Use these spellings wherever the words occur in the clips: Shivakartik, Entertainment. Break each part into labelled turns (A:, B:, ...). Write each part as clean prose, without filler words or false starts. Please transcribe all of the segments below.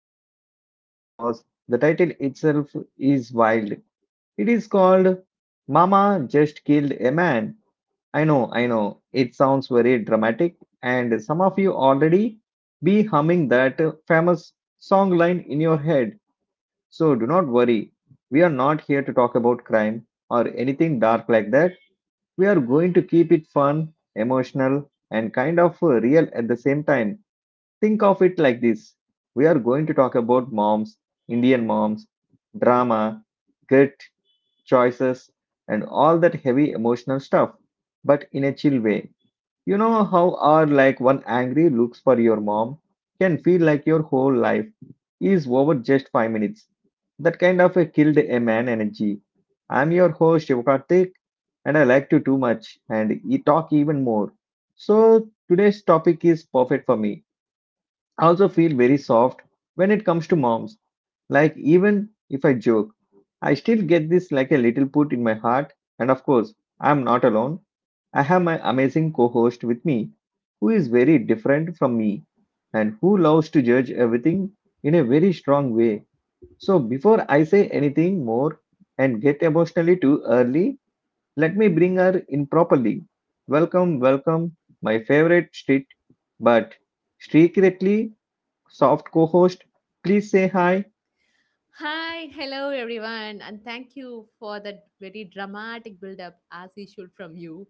A: way too excited because the title itself is wild. It is called Mama Just Killed a Man. I know, it sounds very dramatic, and some of you already be humming that famous song line in your head. So do not worry, we are not here to talk about crime or anything dark like that. We are going to keep it fun, emotional, and kind of real at the same time. Think of it like this: we are going to talk about moms, Indian moms, drama, grit, choices, and all that heavy emotional stuff, but in a chill way. You know how are like one angry looks for your mom can feel like your whole life is over just 5 minutes. That kind of a killed a man energy. I'm your host Shivakartik, and I like to too much and talk even more. So today's topic is perfect for me. I also feel very soft when it comes to moms, like, even if I joke, I still get this like a little put in my heart. And of course, I'm not alone. I have my amazing co host with me, who is very different from me and who loves to judge everything in a very strong way. So, before I say anything more and get emotionally too early, let me bring her in properly. Welcome, welcome, my favorite street, but secretly soft co host. Please say hi.
B: Hi, hello everyone, and thank you for that very dramatic build up, as usual, from you.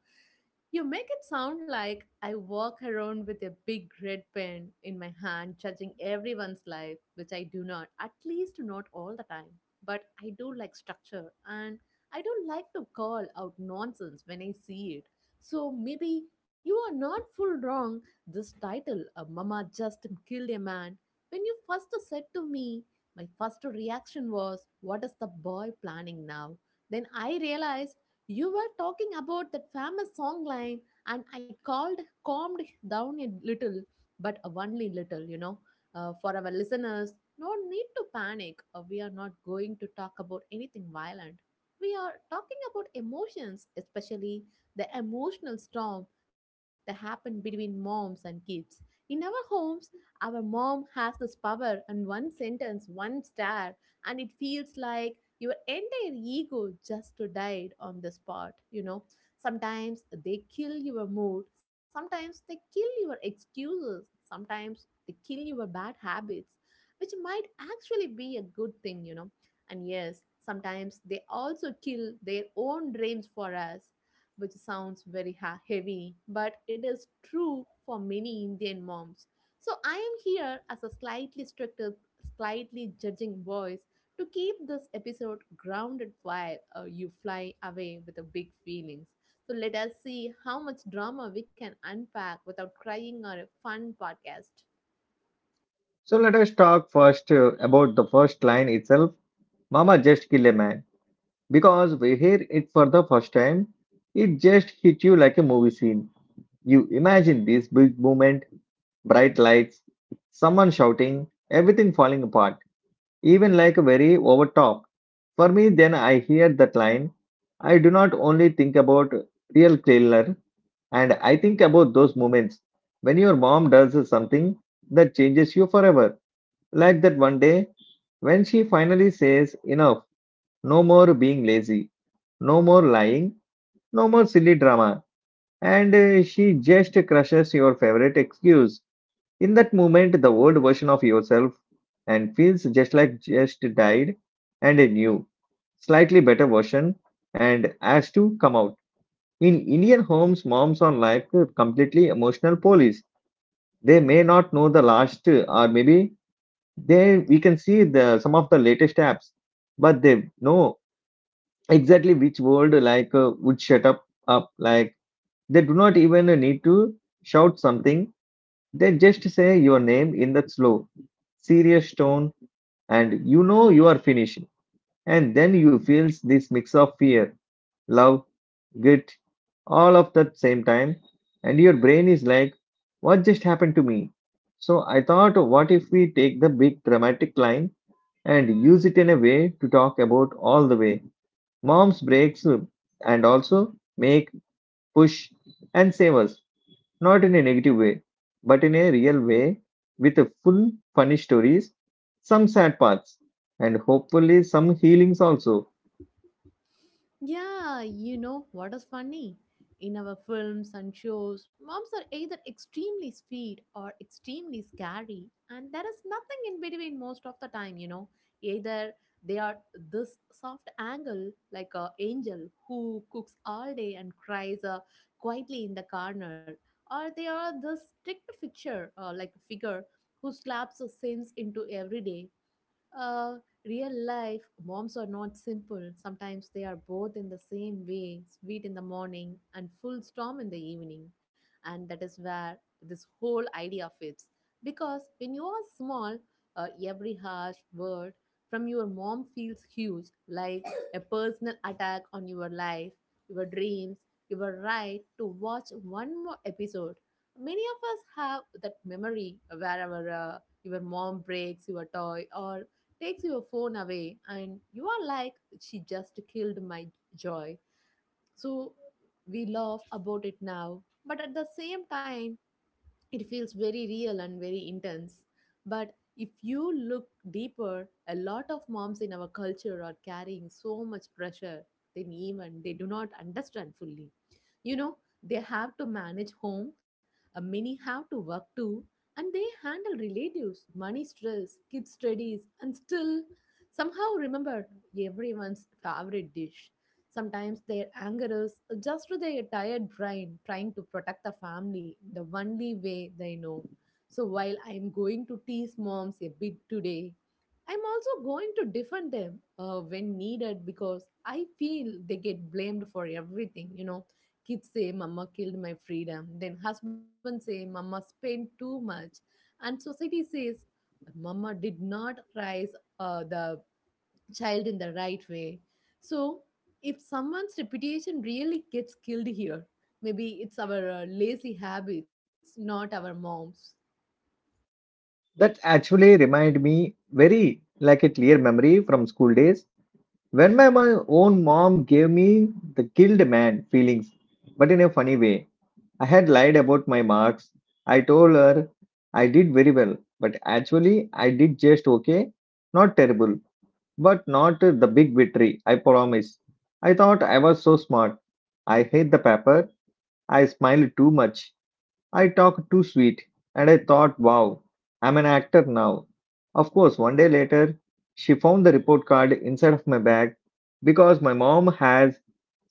B: You make it sound like I walk around with a big red pen in my hand, judging everyone's life, which I do not, at least not all the time. But I do like structure and I don't like to call out nonsense when I see it. So maybe you are not full wrong. This title, a Mama Just Killed a Man, when you first said to me, my first reaction was, What is the boy planning now? Then I realized you were talking about that famous song line, and I calmed down a little, but only little. For our listeners, no need to panic. We are not going to talk about anything violent. We are talking about emotions, especially the emotional storm that happened between moms and kids. In our homes, our mom has this power, and one sentence, one stare, and it feels like your entire ego just died on the spot. Sometimes they kill your mood, sometimes they kill your excuses, sometimes they kill your bad habits, which might actually be a good thing. And yes, sometimes they also kill their own dreams for us, which sounds very heavy, but it is true for many Indian moms. So I am here as a slightly stricter, slightly judging voice to keep this episode grounded while you fly away with the big feelings. So let us see how much drama we can unpack without crying or a fun podcast.
A: So let us talk first about the first line itself. Mama just kill a man. Because we hear it for the first time, it just hit you like a movie scene. You imagine this big movement, bright lights, someone shouting, everything falling apart, even like a very overtop. For me, then I hear that line. I do not only think about real killer, and I think about those moments when your mom does something that changes you forever, like that one day when she finally says, "Enough, no more being lazy, no more lying, no more silly drama," and she just crushes your favorite excuse. In that moment, the old version of yourself and feels just like just died, and a new, slightly better version, and has to come out. In Indian homes, moms are like completely emotional police. They may not know the last, or maybe they we can see the some of the latest apps, but they know exactly which word like would shut up. Like they do not even need to shout something. They just say your name in that slow, serious tone, and you know you are finished. And then you feel this mix of fear, love, guilt, all of that same time, and your brain is like, what just happened to me? So I thought, what if we take the big dramatic line and use it in a way to talk about all the way mom's breaks and also make push and save us, not in a negative way but in a real way, with a full funny stories, some sad parts, and hopefully some healings also.
B: Yeah, you know what is funny? In our films and shows, moms are either extremely sweet or extremely scary, and there is nothing in between most of the time. Either they are this soft angle, like a angel who cooks all day and cries quietly in the corner, or they are this strict fixture, like a figure who slaps a sins into every day. uh, Real life moms are not simple. Sometimes they are both in the same way, sweet in the morning and full storm in the evening. And that is where this whole idea fits. Because when you are small, every harsh word from your mom feels huge, like a personal attack on your life, your dreams, your right to watch one more episode. Many of us have that memory wherever. Your mom breaks your toy or takes your phone away and you are like she just killed my joy. So we laugh about it now, but at the same time it feels very real and very intense. But if you look deeper, a lot of moms in our culture are carrying so much pressure they even they do not understand fully you know, they have to manage home, many have to work too, and they handle relatives, money stress, kids' studies, and still somehow remember everyone's favorite dish. Sometimes their anger is just their tired brain trying to protect the family the only way they know. So while I'm going to tease moms a bit today, I'm also going to defend them when needed because I feel they get blamed for everything. Kids say mama killed my freedom. Then husband say mama spent too much. And society says mama did not raise the child in the right way. So if someone's reputation really gets killed here, maybe it's our lazy habits, not our moms.
A: That actually remind me very like a clear memory from school days, when my own mom gave me the killed man feelings but in a funny way. I had lied about my marks. I told her I did very well, but actually I did just okay. Not terrible, but not the big victory, I promise. I thought I was so smart. I hate the paper. I smiled too much. I talked too sweet. And I thought, wow, I'm an actor now. Of course, one day later, she found the report card inside of my bag, because my mom has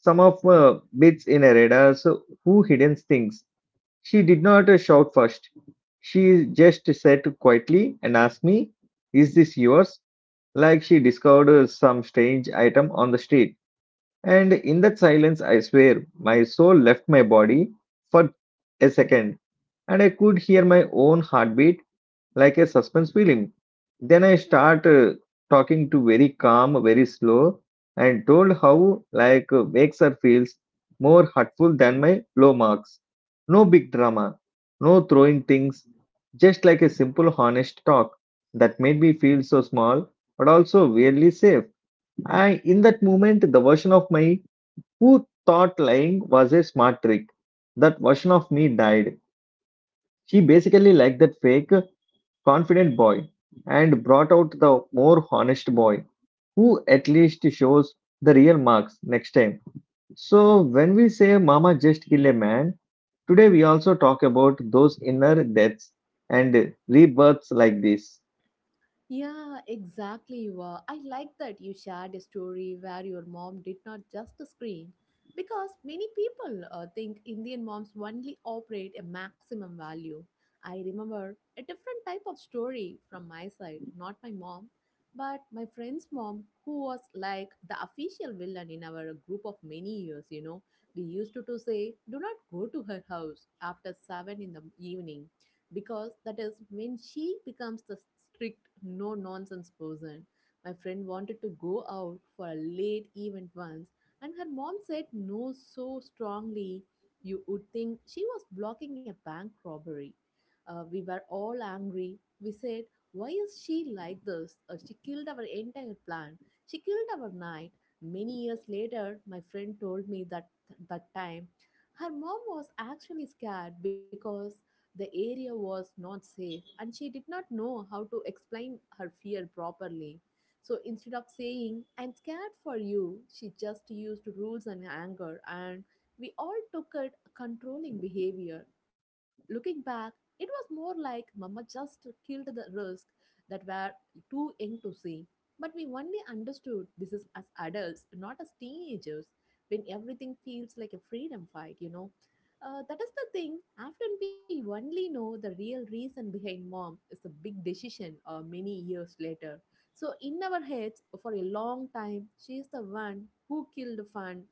A: some of bits in her radar so who hidden things. She did not shout first. She just sat quietly and asked me, "Is this yours?" Like she discovered some strange item on the street. And in that silence, I swear, my soul left my body for a second, and I could hear my own heartbeat like a suspense film. Then I start talking to very calm, very slow, and told how like makes her feels more hurtful than my low marks. No big drama, no throwing things, just like a simple honest talk that made me feel so small but also weirdly safe. I in that moment the version of my who thought lying was a smart trick. That version of me died. She basically liked that fake confident boy and brought out the more honest boy who at least shows the real marks next time. So, when we say Mama just kill a man, today we also talk about those inner deaths and rebirths like this.
B: Yeah, exactly. You are. I like that you shared a story where your mom did not just scream, because many people think Indian moms only operate a maximum value. I remember a different type of story from my side, not my mom, but my friend's mom, who was like the official villain in our group of many years. We used to say, "Do not go to her house after seven in the evening," because that is when she becomes the strict no nonsense person. My friend wanted to go out for a late event once, and her mom said no so strongly you would think she was blocking a bank robbery. We were all angry. We said, why is she like this? She killed our entire plan. She killed our night. Many years later, my friend told me that, that time her mom was actually scared because the area was not safe, and she did not know how to explain her fear properly. So instead of saying, I'm scared for you, she just used rules and anger, and we all took it controlling behavior. Looking back, it was more like Mama just killed the risk that were too young to see. But we only understood this is as adults, not as teenagers, when everything feels like a freedom fight. That is the thing. Often we only know the real reason behind mom is the big decision many years later. So in our heads, for a long time, she is the one who killed fun,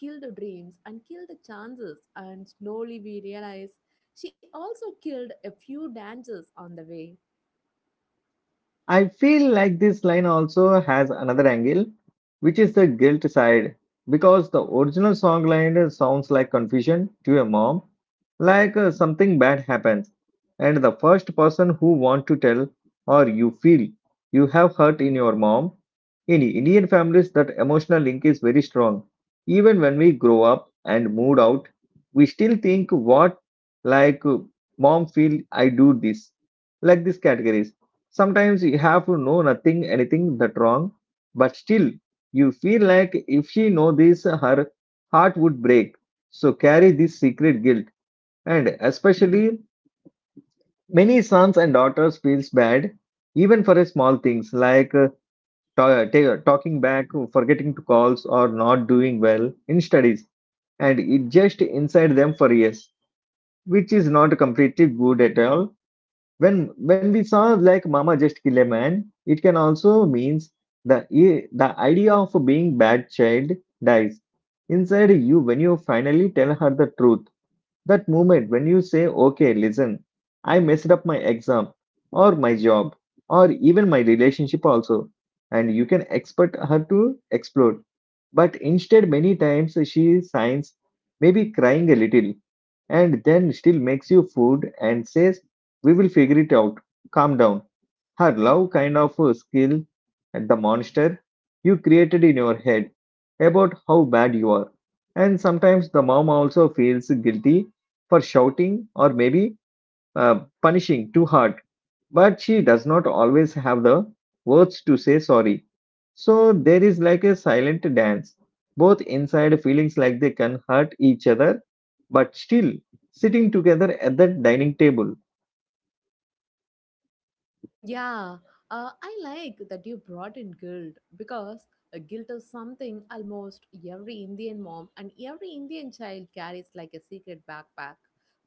B: killed dreams, and killed the chances. And slowly we realize she also killed a few dances on the way.
A: I feel like this line also has another angle, which is the guilt side, because the original song line sounds like confusion to a mom, like something bad happens, and the first person who want to tell or you feel you have hurt in your mom. In Indian families, that emotional link is very strong. Even when we grow up and moved out, we still think what like mom feel I do this, like these categories. Sometimes you have to know nothing, anything that wrong, but still you feel like if she know this, her heart would break. So carry this secret guilt, and especially many sons and daughters feels bad, even for a small things like talking back, forgetting to calls, or not doing well in studies, and it just inside them for years, which is not completely good at all. When we saw like Mama Just Kill a Man, it can also means the the idea of being bad child dies inside you when you finally tell her the truth. That moment when you say, "Okay, listen, I messed up my exam or my job or even my relationship also," and you can expect her to explode, but instead, many times she signs, maybe crying a little, and then still makes you food and says, "We will figure it out. Calm down." Her love kind of skill at the monster you created in your head about how bad you are. And sometimes the mom also feels guilty for shouting or maybe punishing too hard, but she does not always have the words to say sorry. So there is like a silent dance, both inside feelings like they can hurt each other, but still sitting together at the dining table.
B: Yeah, I like that you brought in guilt because a guilt is something almost every Indian mom and every Indian child carries like a secret backpack.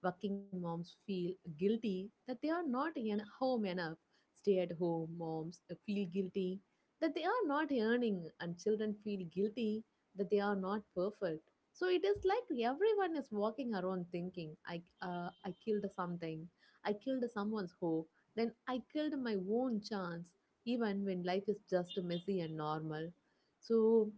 B: Working moms feel guilty that they are not home enough. Stay at home moms feel guilty that they are not earning, and children feel guilty that they are not perfect. So it is like everyone is walking around thinking, I killed something, I killed someone's hope. Then I killed my own chance, even when life is just messy and normal. So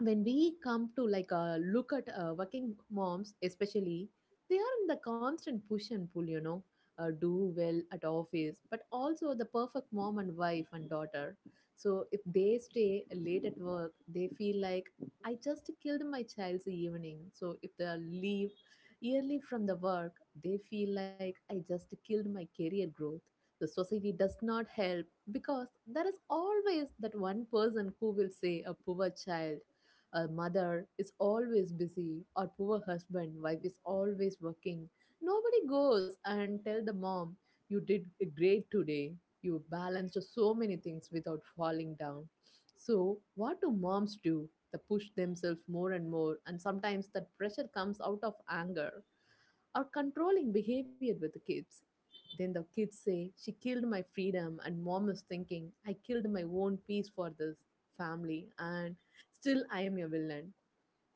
B: when we come to like look at working moms especially, they are in the constant push and pull. Do well at office, but also the perfect mom and wife and daughter. So if they stay late at work, they feel like I just killed my child's evening. So if they leave early from the work, they feel like I just killed my career growth. The society does not help because there is always that one person who will say, a poor child, a mother is always busy, or poor husband, wife is always working. Nobody goes and tell the mom, you did great today. You balanced so many things without falling down. So, what do moms do? They push themselves more and more, and sometimes that pressure comes out of anger or controlling behavior with the kids. Then the kids say, She killed my freedom, and mom is thinking, I killed my own peace for this family, and still I am a villain.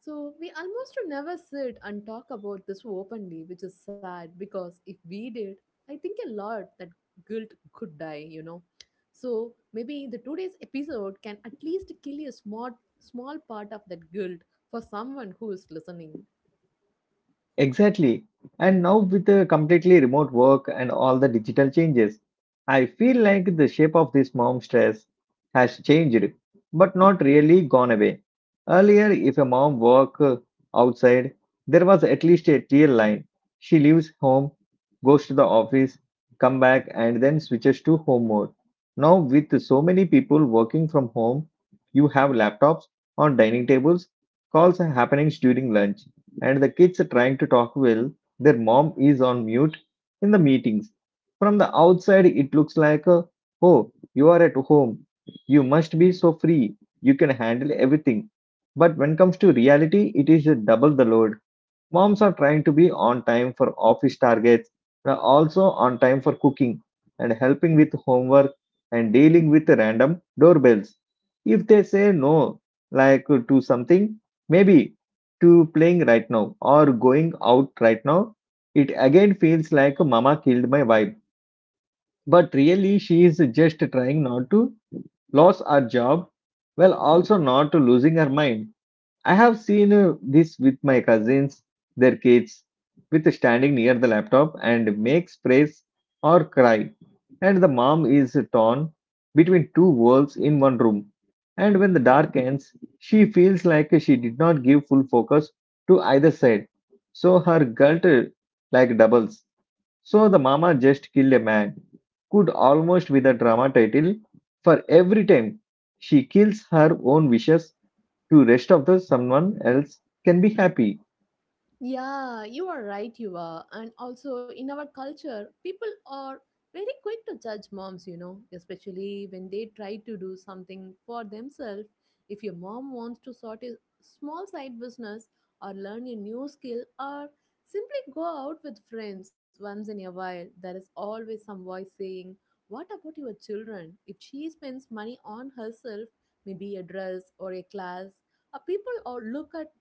B: So we almost never sit and talk about this openly, which is sad because if we did, I think a lot that guilt could die. So maybe the today's episode can at least kill a small part of that guilt for someone who is listening.
A: Exactly. And now with the completely remote work and all the digital changes, I feel like the shape of this mom stress has changed, but not really gone away. Earlier, if a mom worked outside, there was at least a clear line. She leaves home, goes to the office, come back, and then switches to home mode. Now, with so many people working from home, you have laptops on dining tables, calls are happening during lunch, and the kids are trying to talk well. Their mom is on mute in the meetings. From the outside, it looks like, oh, you are at home. You must be so free. You can handle everything. But when it comes to reality, it is a double the load. Moms are trying to be on time for office targets, but also on time for cooking and helping with homework and dealing with random doorbells. If they say no, like to something, maybe to playing right now or going out right now, it again feels like mama killed my vibe. But really, she is just trying not to lose her job well, also not losing her mind. I have seen this with my cousins, their kids, with standing near the laptop and makes praise or cry. And the mom is torn between two worlds in one room. And when the dark ends, she feels like she did not give full focus to either side. So her guilt like doubles. So the mama just killed a man could almost with a drama title for every time she kills her own wishes to rest of the someone else can be happy.
B: Yeah, you are right, you are. And also, in our culture, people are very quick to judge moms, especially when they try to do something for themselves. If your mom wants to sort a small side business or learn a new skill or simply go out with friends once in a while, there is always some voice saying, What about your children? If she spends money on herself, maybe a dress or a class, people or look at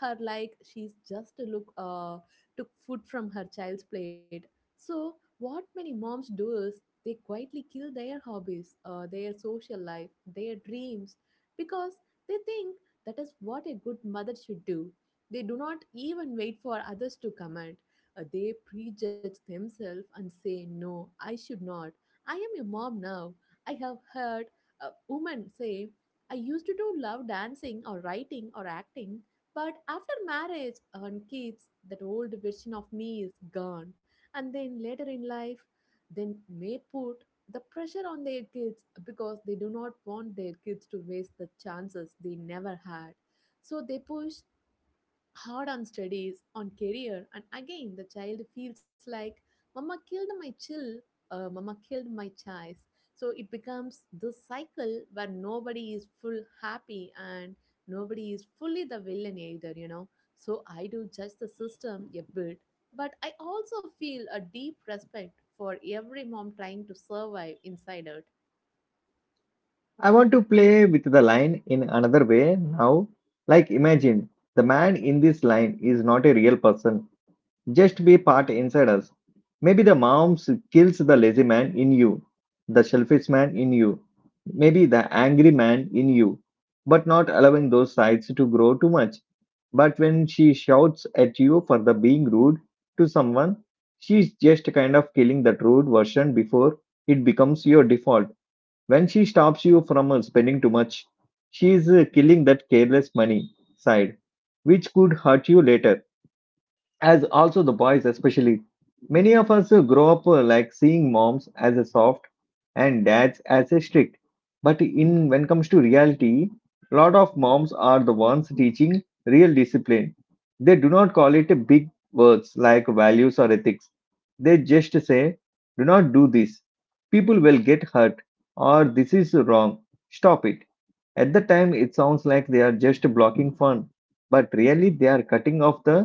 B: her like she's just look took food from her child's plate. So what many moms do is they quietly kill their hobbies, their social life, their dreams, because they think that is what a good mother should do. They do not even wait for others to comment. They prejudge themselves and say, no, I should not, I am a mom now. I have heard a woman say, I used to do love dancing or writing or acting, but after marriage and kids, that old version of me is gone. And then later in life, they may put the pressure on their kids because they do not want their kids to waste the chances they never had. So they push hard on studies, on career, and again the child feels like, Mama killed my chill, Mama killed my choice. So it becomes this cycle where nobody is full happy and nobody is fully the villain either. So I do judge the system a bit, but I also feel a deep respect for every mom trying to survive inside out.
A: I want to play with the line in another way now. Like imagine the man in this line is not a real person, just be part inside us. Maybe the moms kills the lazy man in you, the selfish man in you, maybe the angry man in you, but not allowing those sides to grow too much. But when she shouts at you for the being rude to someone, she's just kind of killing that rude version before it becomes your default. When she stops you from spending too much, she's killing that careless money side, which could hurt you later, as also the boys especially, many of us grow up like seeing moms as a soft and dads as a strict, but in when comes to reality, lot of moms are the ones teaching real discipline. They do not call it a big words like values or ethics. They just say do not do this, people will get hurt, or this is wrong, stop it. At the time it sounds like they are just blocking fun, but really they are cutting off the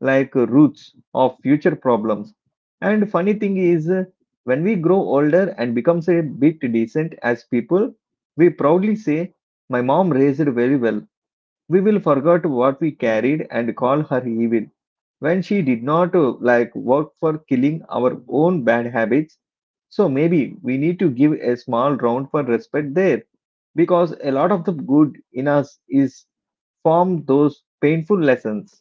A: like roots of future problems. And funny thing is, when we grow older and becomes a bit decent as people, we proudly say, "My mom raised very well." We will forget what we carried and call her evil when she did not like work for killing our own bad habits. So maybe we need to give a small round for respect there, because a lot of the good in us is from those painful lessons.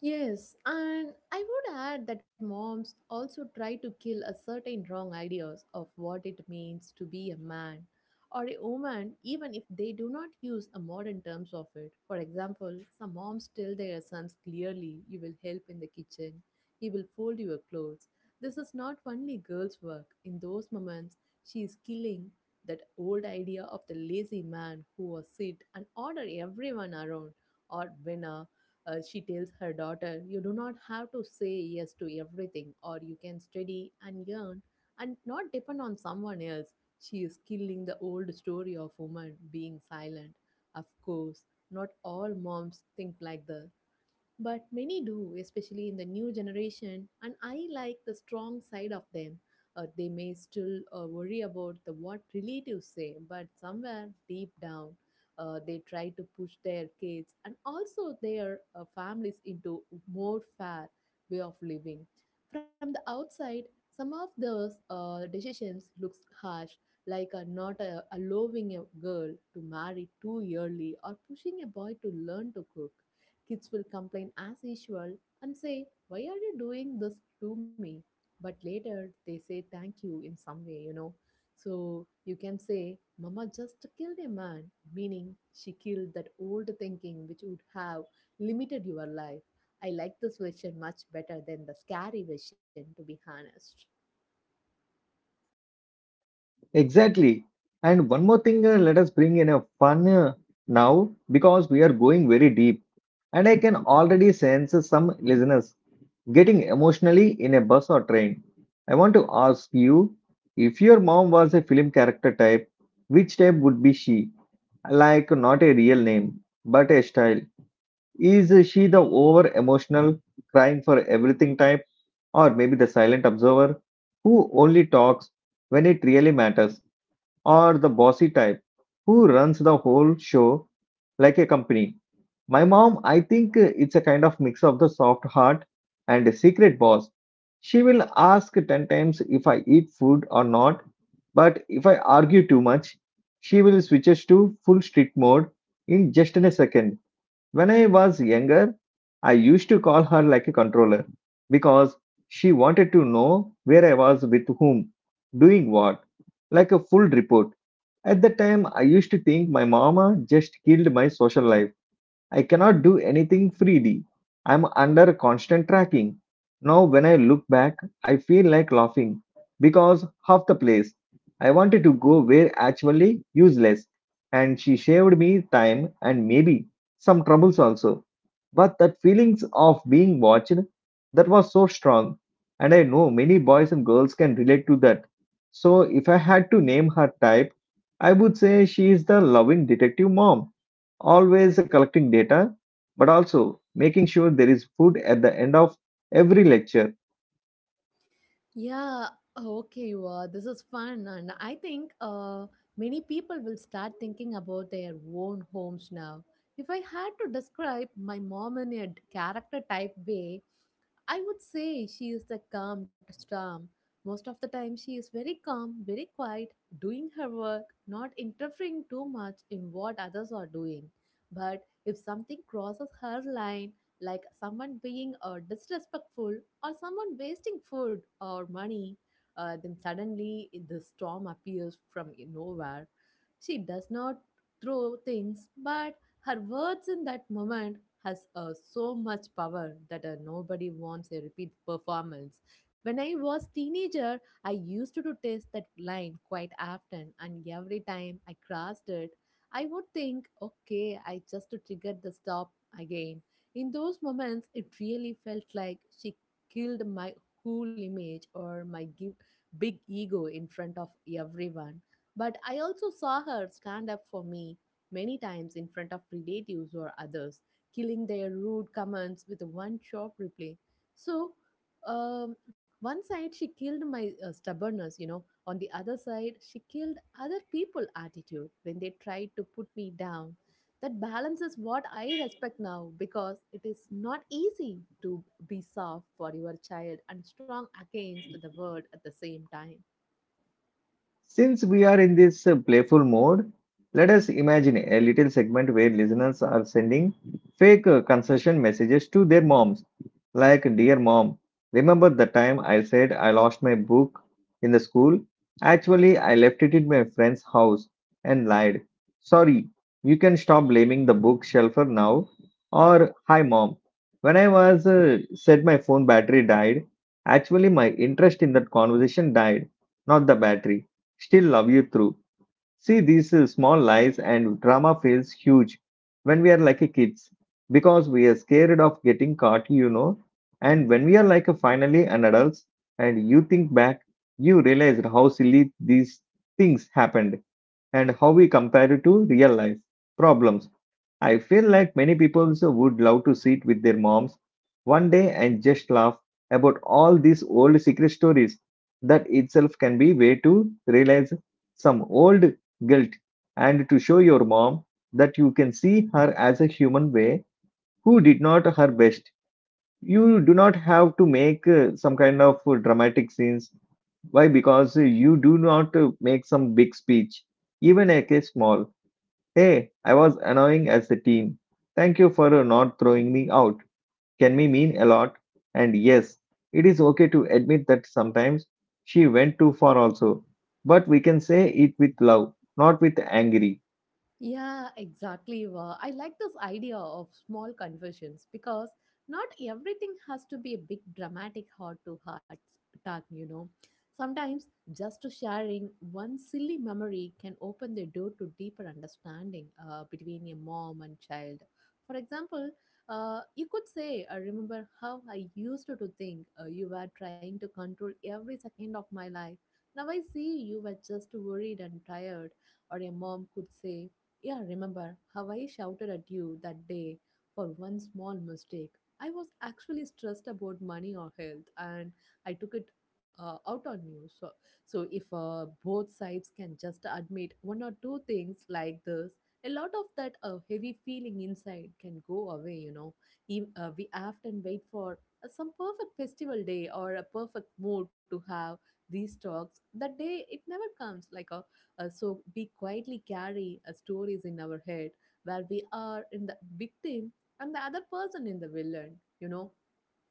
B: Yes, and I would add that moms also try to kill a certain wrong ideas of what it means to be a man or a woman, even if they do not use a modern terms of it. For example, some moms tell their sons clearly, "You will help in the kitchen, you will fold your clothes." This is not only girls' work. In those moments, she is killing that old idea of the lazy man who was sit and order everyone around or winner she tells her daughter, "You do not have to say yes to everything, or you can study and earn and not depend on someone else." She is killing the old story of women being silent. Of course, not all moms think like that. But many do, especially in the new generation, and I like the strong side of them. They may still worry about the what relatives say, but somewhere deep down, they try to push their kids and also their families into more fair way of living. From the outside, some of those decisions looks harsh, like not allowing a girl to marry too early or pushing a boy to learn to cook. Kids will complain as usual and say, "Why are you doing this to me?" But later they say thank you in some way. So you can say, "Mama just killed a man," meaning she killed that old thinking which would have limited your life. I like this version much better than the scary version, to be honest.
A: Exactly. And one more thing, let us bring in a fun now, because we are going very deep. And I can already sense some listeners getting emotionally in a bus or train. I want to ask you, if your mom was a film character type, which type would be she? Like, not a real name, but a style. Is she the over emotional, crying for everything type, or maybe the silent observer who only talks when it really matters? Or the bossy type who runs the whole show like a company. My mom, I think it's a kind of mix of the soft heart and a secret boss. She will ask 10 times if I eat food or not, but if I argue too much, she will switch to full strict mode in just in a second. When I was younger, I used to call her like a controller, because she wanted to know where I was, with whom, doing what, like a full report. At the time, I used to think my mama just killed my social life. I cannot do anything freely. I'm under constant tracking. Now, when I look back, I feel like laughing because half the place I wanted to go were actually useless, and she shaved me time and maybe some troubles also. But that feelings of being watched, that was so strong, and I know many boys and girls can relate to that. So, if I had to name her type, I would say she is the loving detective mom, always collecting data, but also making sure there is food at the end of every lecture.
B: Yeah, okay, wow, this is fun. And I think many people will start thinking about their own homes now. If I had to describe my mom in a character type way, I would say she is the calm storm. Most of the time, she is very calm, very quiet, doing her work, not interfering too much in what others are doing. But if something crosses her line, like someone being disrespectful or someone wasting food or money, then suddenly the storm appears from nowhere. She does not throw things, but her words in that moment has so much power that nobody wants a repeat performance. When I was teenager, I used to test that line quite often, and every time I crossed it, I would think, okay, I just triggered the stop again. In those moments, it really felt like she killed my cool image or my big ego in front of everyone. But I also saw her stand up for me many times in front of relatives or others, killing their rude comments with one sharp reply. So, um, one side she killed my stubbornness, On the other side, she killed other people' attitude when they tried to put me down. That balance is what I respect now because it is not easy to be soft for your child and strong against the world at the same time.
A: Since we are in this playful mode, let us imagine a little segment where listeners are sending fake concession messages to their moms. Like, "Dear mom, remember the time I said I lost my book in the school? Actually, I left it in my friend's house and lied. Sorry, you can stop blaming the bookshelf now." Or, "Hi mom, when I was said my phone battery died, actually my interest in that conversation died, not the battery. Still love you through." See, these small lies and drama feels huge when we are like a kids, because we are scared of getting caught, you know. And when we are like a finally an adults and you think back, you realize how silly these things happened and how we compare it to real life problems. I feel like many people also would love to sit with their moms one day and just laugh about all these old secret stories. That itself can be way to realize some old guilt and to show your mom that you can see her as a human way who did not her best. You do not have to make some kind of dramatic scenes. Why? Because you do not make some big speech, even like a small. Hey, I was annoying as a team. Thank you for not throwing me out. Can we mean a lot? And yes, it is okay to admit that sometimes she went too far also. But we can say it with love, not with angry.
B: Yeah, exactly. Wa. I like this idea of small confessions because not everything has to be a big dramatic heart to heart talk. Sometimes just to sharing one silly memory can open the door to deeper understanding between a mom and child. For example, you could say, "I remember how I used to think you were trying to control every second of my life. Now I see you were just worried and tired." Or a mom could say, "Yeah, remember how I shouted at you that day for one small mistake? I was actually stressed about money or health, and I took it out on you." So, if both sides can just admit one or two things like this, a lot of that heavy feeling inside can go away. We often wait for some perfect festival day or a perfect mood to have these talks. That day, it never comes. Like a So we quietly carry stories in our head where we are in the victim and the other person in the villain.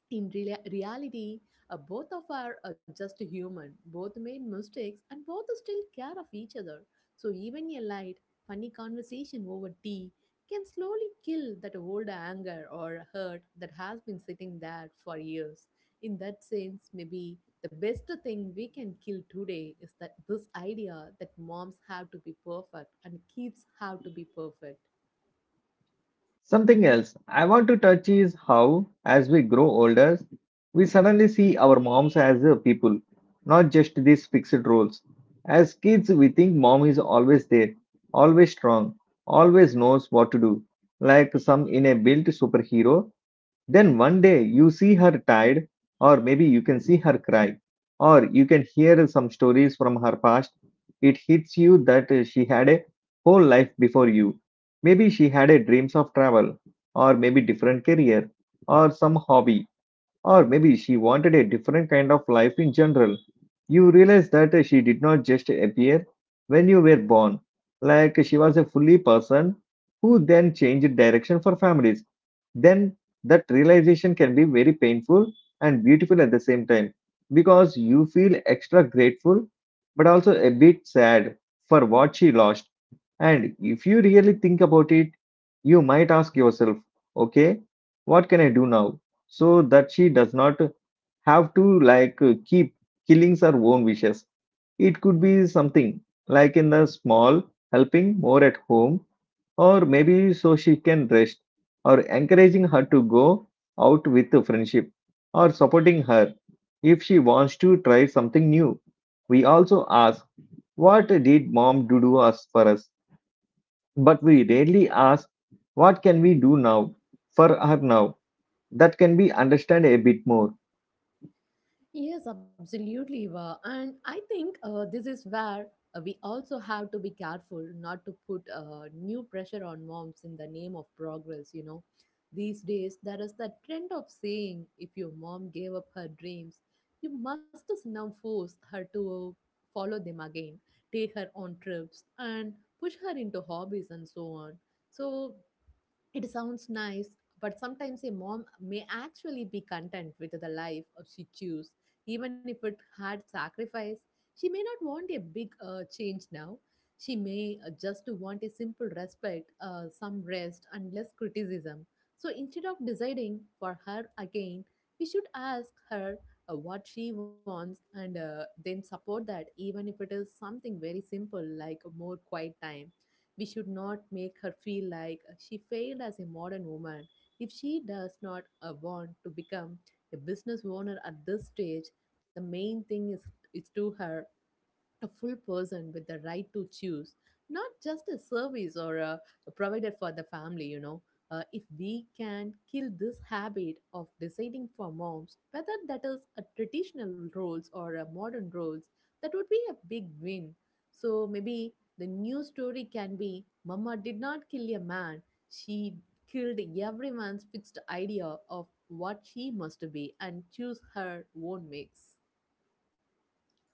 B: In reality, both of are just human. Both made mistakes and both still care of each other. So even a light, funny conversation over tea can slowly kill that old anger or hurt that has been sitting there for years. In that sense, maybe the best thing we can kill today is that this idea that moms have to be perfect and kids have to be perfect.
A: Something else I want to touch is how, as we grow older, we suddenly see our moms as people, not just these fixed roles. As kids, we think mom is always there, always strong, always knows what to do, like some in a built superhero. Then one day you see her tired, or maybe you can see her cry, or you can hear some stories from her past. It hits you that she had a whole life before you. Maybe she had a dreams of travel, or maybe different career, or some hobby, or maybe she wanted a different kind of life in general. You realize that she did not just appear when you were born, like she was a fully person who then changed direction for families. Then that realization can be very painful and beautiful at the same time, because you feel extra grateful but also a bit sad for what she lost. And if you really think about it, you might ask yourself, okay, what can I do now so that she does not have to like keep killing her own wishes? It could be something like in the small, helping more at home, or maybe so she can rest, or encouraging her to go out with a friendship, or supporting her if she wants to try something new. We also ask, what did mom do to us for us? But we rarely ask, what can we do now for her now? That can be understand a bit more.
B: Yes, absolutely, Eva. And I think this is where we also have to be careful not to put new pressure on moms in the name of progress. These days, there is that trend of saying if your mom gave up her dreams, you must now force her to follow them again, take her on trips, and push her into hobbies and so on. So it sounds nice, but sometimes a mom may actually be content with the life she chooses, even if it had sacrifice. She may not want a big change now. She may just want a simple respect, some rest, and less criticism. So instead of deciding for her again, we should ask her what she wants and then support that, even if it is something very simple like more quiet time. We should not make her feel like she failed as a modern woman if she does not want to become a business owner at this stage. The main thing is to her a full person with the right to choose, not just a service or a provider for the family. If we can kill this habit of deciding for moms, whether that is a traditional roles or a modern roles, that would be a big win. So maybe the new story can be, "Mama did not kill a man, she killed everyone's fixed idea of what she must be," and choose her own mix.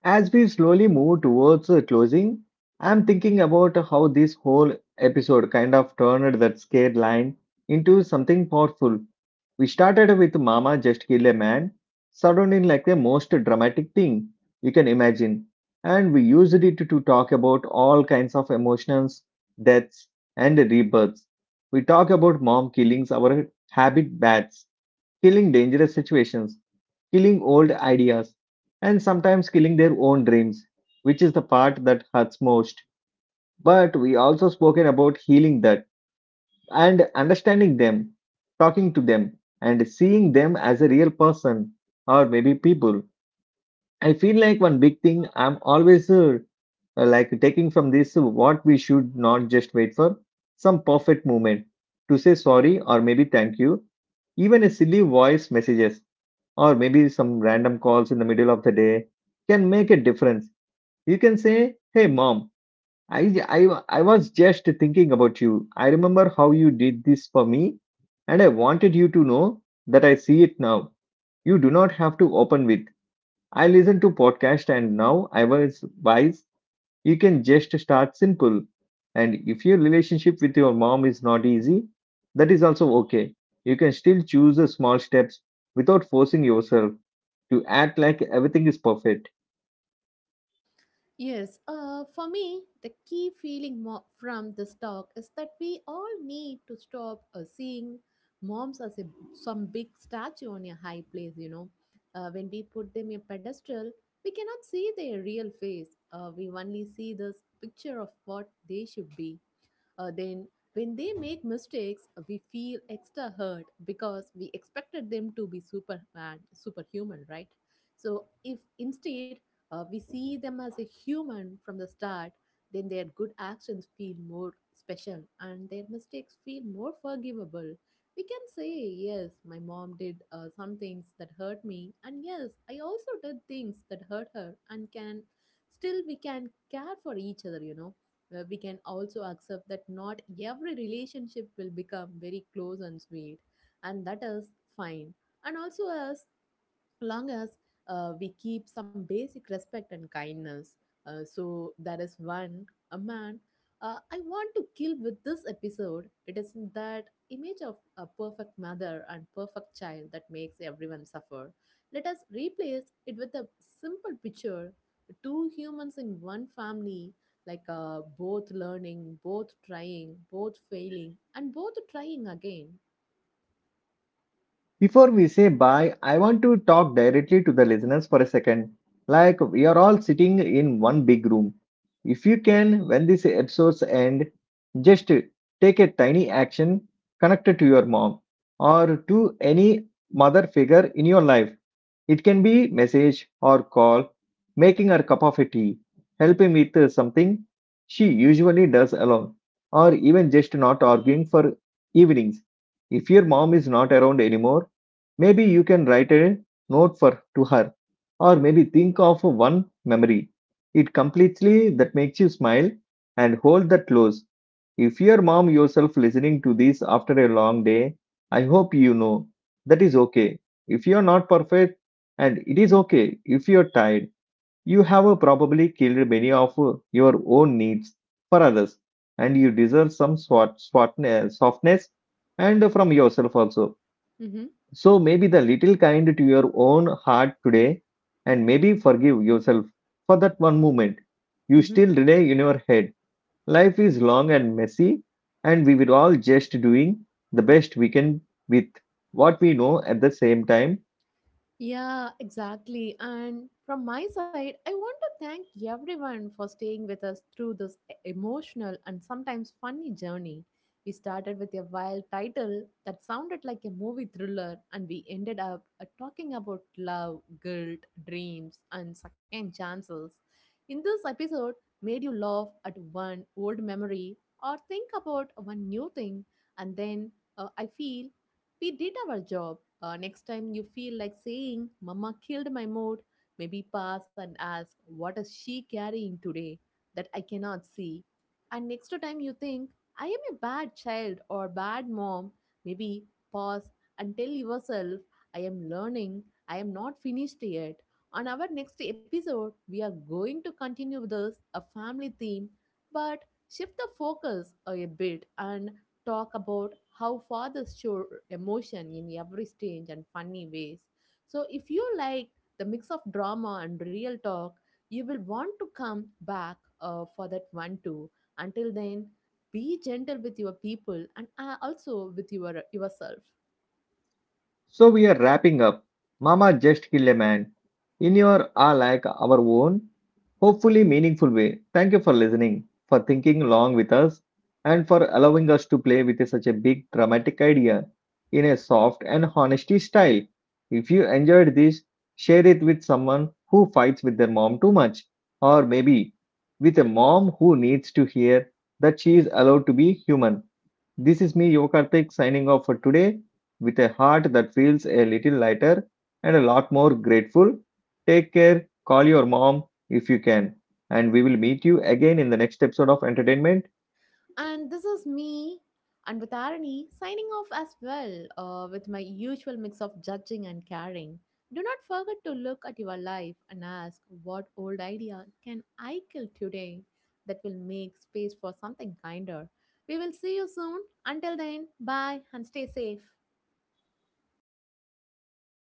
A: As we slowly move towards closing, I'm thinking about how this whole episode kind of turned that scared line into something powerful. We started with "Mama Just Kill a Man," sounding like the most dramatic thing you can imagine. And we used it to talk about all kinds of emotions, deaths, and rebirths. We talk about mom killings, our habit bats, killing dangerous situations, killing old ideas, and sometimes killing their own dreams, which is the part that hurts most. But we also spoken about healing that and understanding them, talking to them, and seeing them as a real person or maybe people. I feel like one big thing I'm always like taking from this what we should not just wait for some perfect moment to say sorry or maybe thank you. Even a silly voice messages or maybe some random calls in the middle of the day can make a difference. You can say, "Hey mom, I I I was just thinking about you. I remember how you did this for me, and I wanted you to know that I see it now." You do not have to open with, "I listen to podcast and now I was wise." You can just start simple. And if your relationship with your mom is not easy, that is also okay. You can still choose the small steps without forcing yourself to act like everything is perfect.
B: Yes, for me, the key feeling from this talk is that we all need to stop seeing moms as some big statue on a high place, when we put them a pedestal, we cannot see their real face. We only see this picture of what they should be. Then, when they make mistakes, we feel extra hurt because we expected them to be superman, superhuman, right? So, if instead we see them as a human from the start, then their good actions feel more special and their mistakes feel more forgivable. We can say, yes, my mom did some things that hurt me, and yes, I also did things that hurt her, and can still we can care for each other, you know where we can also accept that not every relationship will become very close and sweet and that is fine and also as long as we keep some basic respect and kindness. So there is one a man I want to kill with this episode. It is that image of a perfect mother and perfect child that makes everyone suffer. Let us replace it with a simple picture: two humans in one family, like both learning, both trying, both failing, and both trying again.
A: Before we say bye, I want to talk directly to the listeners for a second. Like we are all sitting in one big room. If you can, when these episodes end, just take a tiny action connected to your mom or to any mother figure in your life. It can be message or call, making her cup of tea, helping with something she usually does alone, or even just not arguing for evenings. If your mom is not around anymore, maybe you can write a note for to her, or maybe think of one memory. It completely that makes you smile and hold that close. If your mom yourself listening to this after a long day, I hope you know that is okay. If you're not perfect, and it is okay if you're tired, you have probably killed many of your own needs for others, and you deserve some softness and from yourself also.
B: Mm-hmm.
A: So maybe the little kind to your own heart today, and maybe forgive yourself for that one moment you still relay in your head. Life is long and messy, and we will all just doing the best we can with what we know at the same time.
B: Yeah, exactly. And from my side, I want to thank everyone for staying with us through this emotional and sometimes funny journey. We started with a wild title that sounded like a movie thriller, and we ended up talking about love, guilt, dreams, and second chances. In this episode, made you laugh at one old memory or think about one new thing, and then I feel we did our job. Next time you feel like saying, "Mama killed my mood," maybe pass and ask, "What is she carrying today that I cannot see?" And next time you think, "I am a bad child or bad mom," maybe pause and tell yourself, "I am learning, I am not finished yet." On our next episode, we are going to continue this, a family theme, but shift the focus a bit and talk about how fathers show emotion in every strange and funny ways. So if you like the mix of drama and real talk, you will want to come back for that one too. Until then, be gentle with your people and also with your yourself.
A: So we are wrapping up. Mama just kill a man in your are like our own, hopefully meaningful way. Thank you for listening, for thinking along with us, and for allowing us to play with such a big dramatic idea in a soft and honesty style. If you enjoyed this, share it with someone who fights with their mom too much, or maybe with a mom who needs to hear that she is allowed to be human. This is me, Yokarthik, signing off for today with a heart that feels a little lighter and a lot more grateful. Take care, call your mom if you can, and we will meet you again in the next episode of Entertainment.
B: And this is me and with irony signing off as well with my usual mix of judging and caring. Do not forget to look at your life and ask what old idea can I kill today that will make space for something kinder. We will see you soon. Until then, bye and stay safe.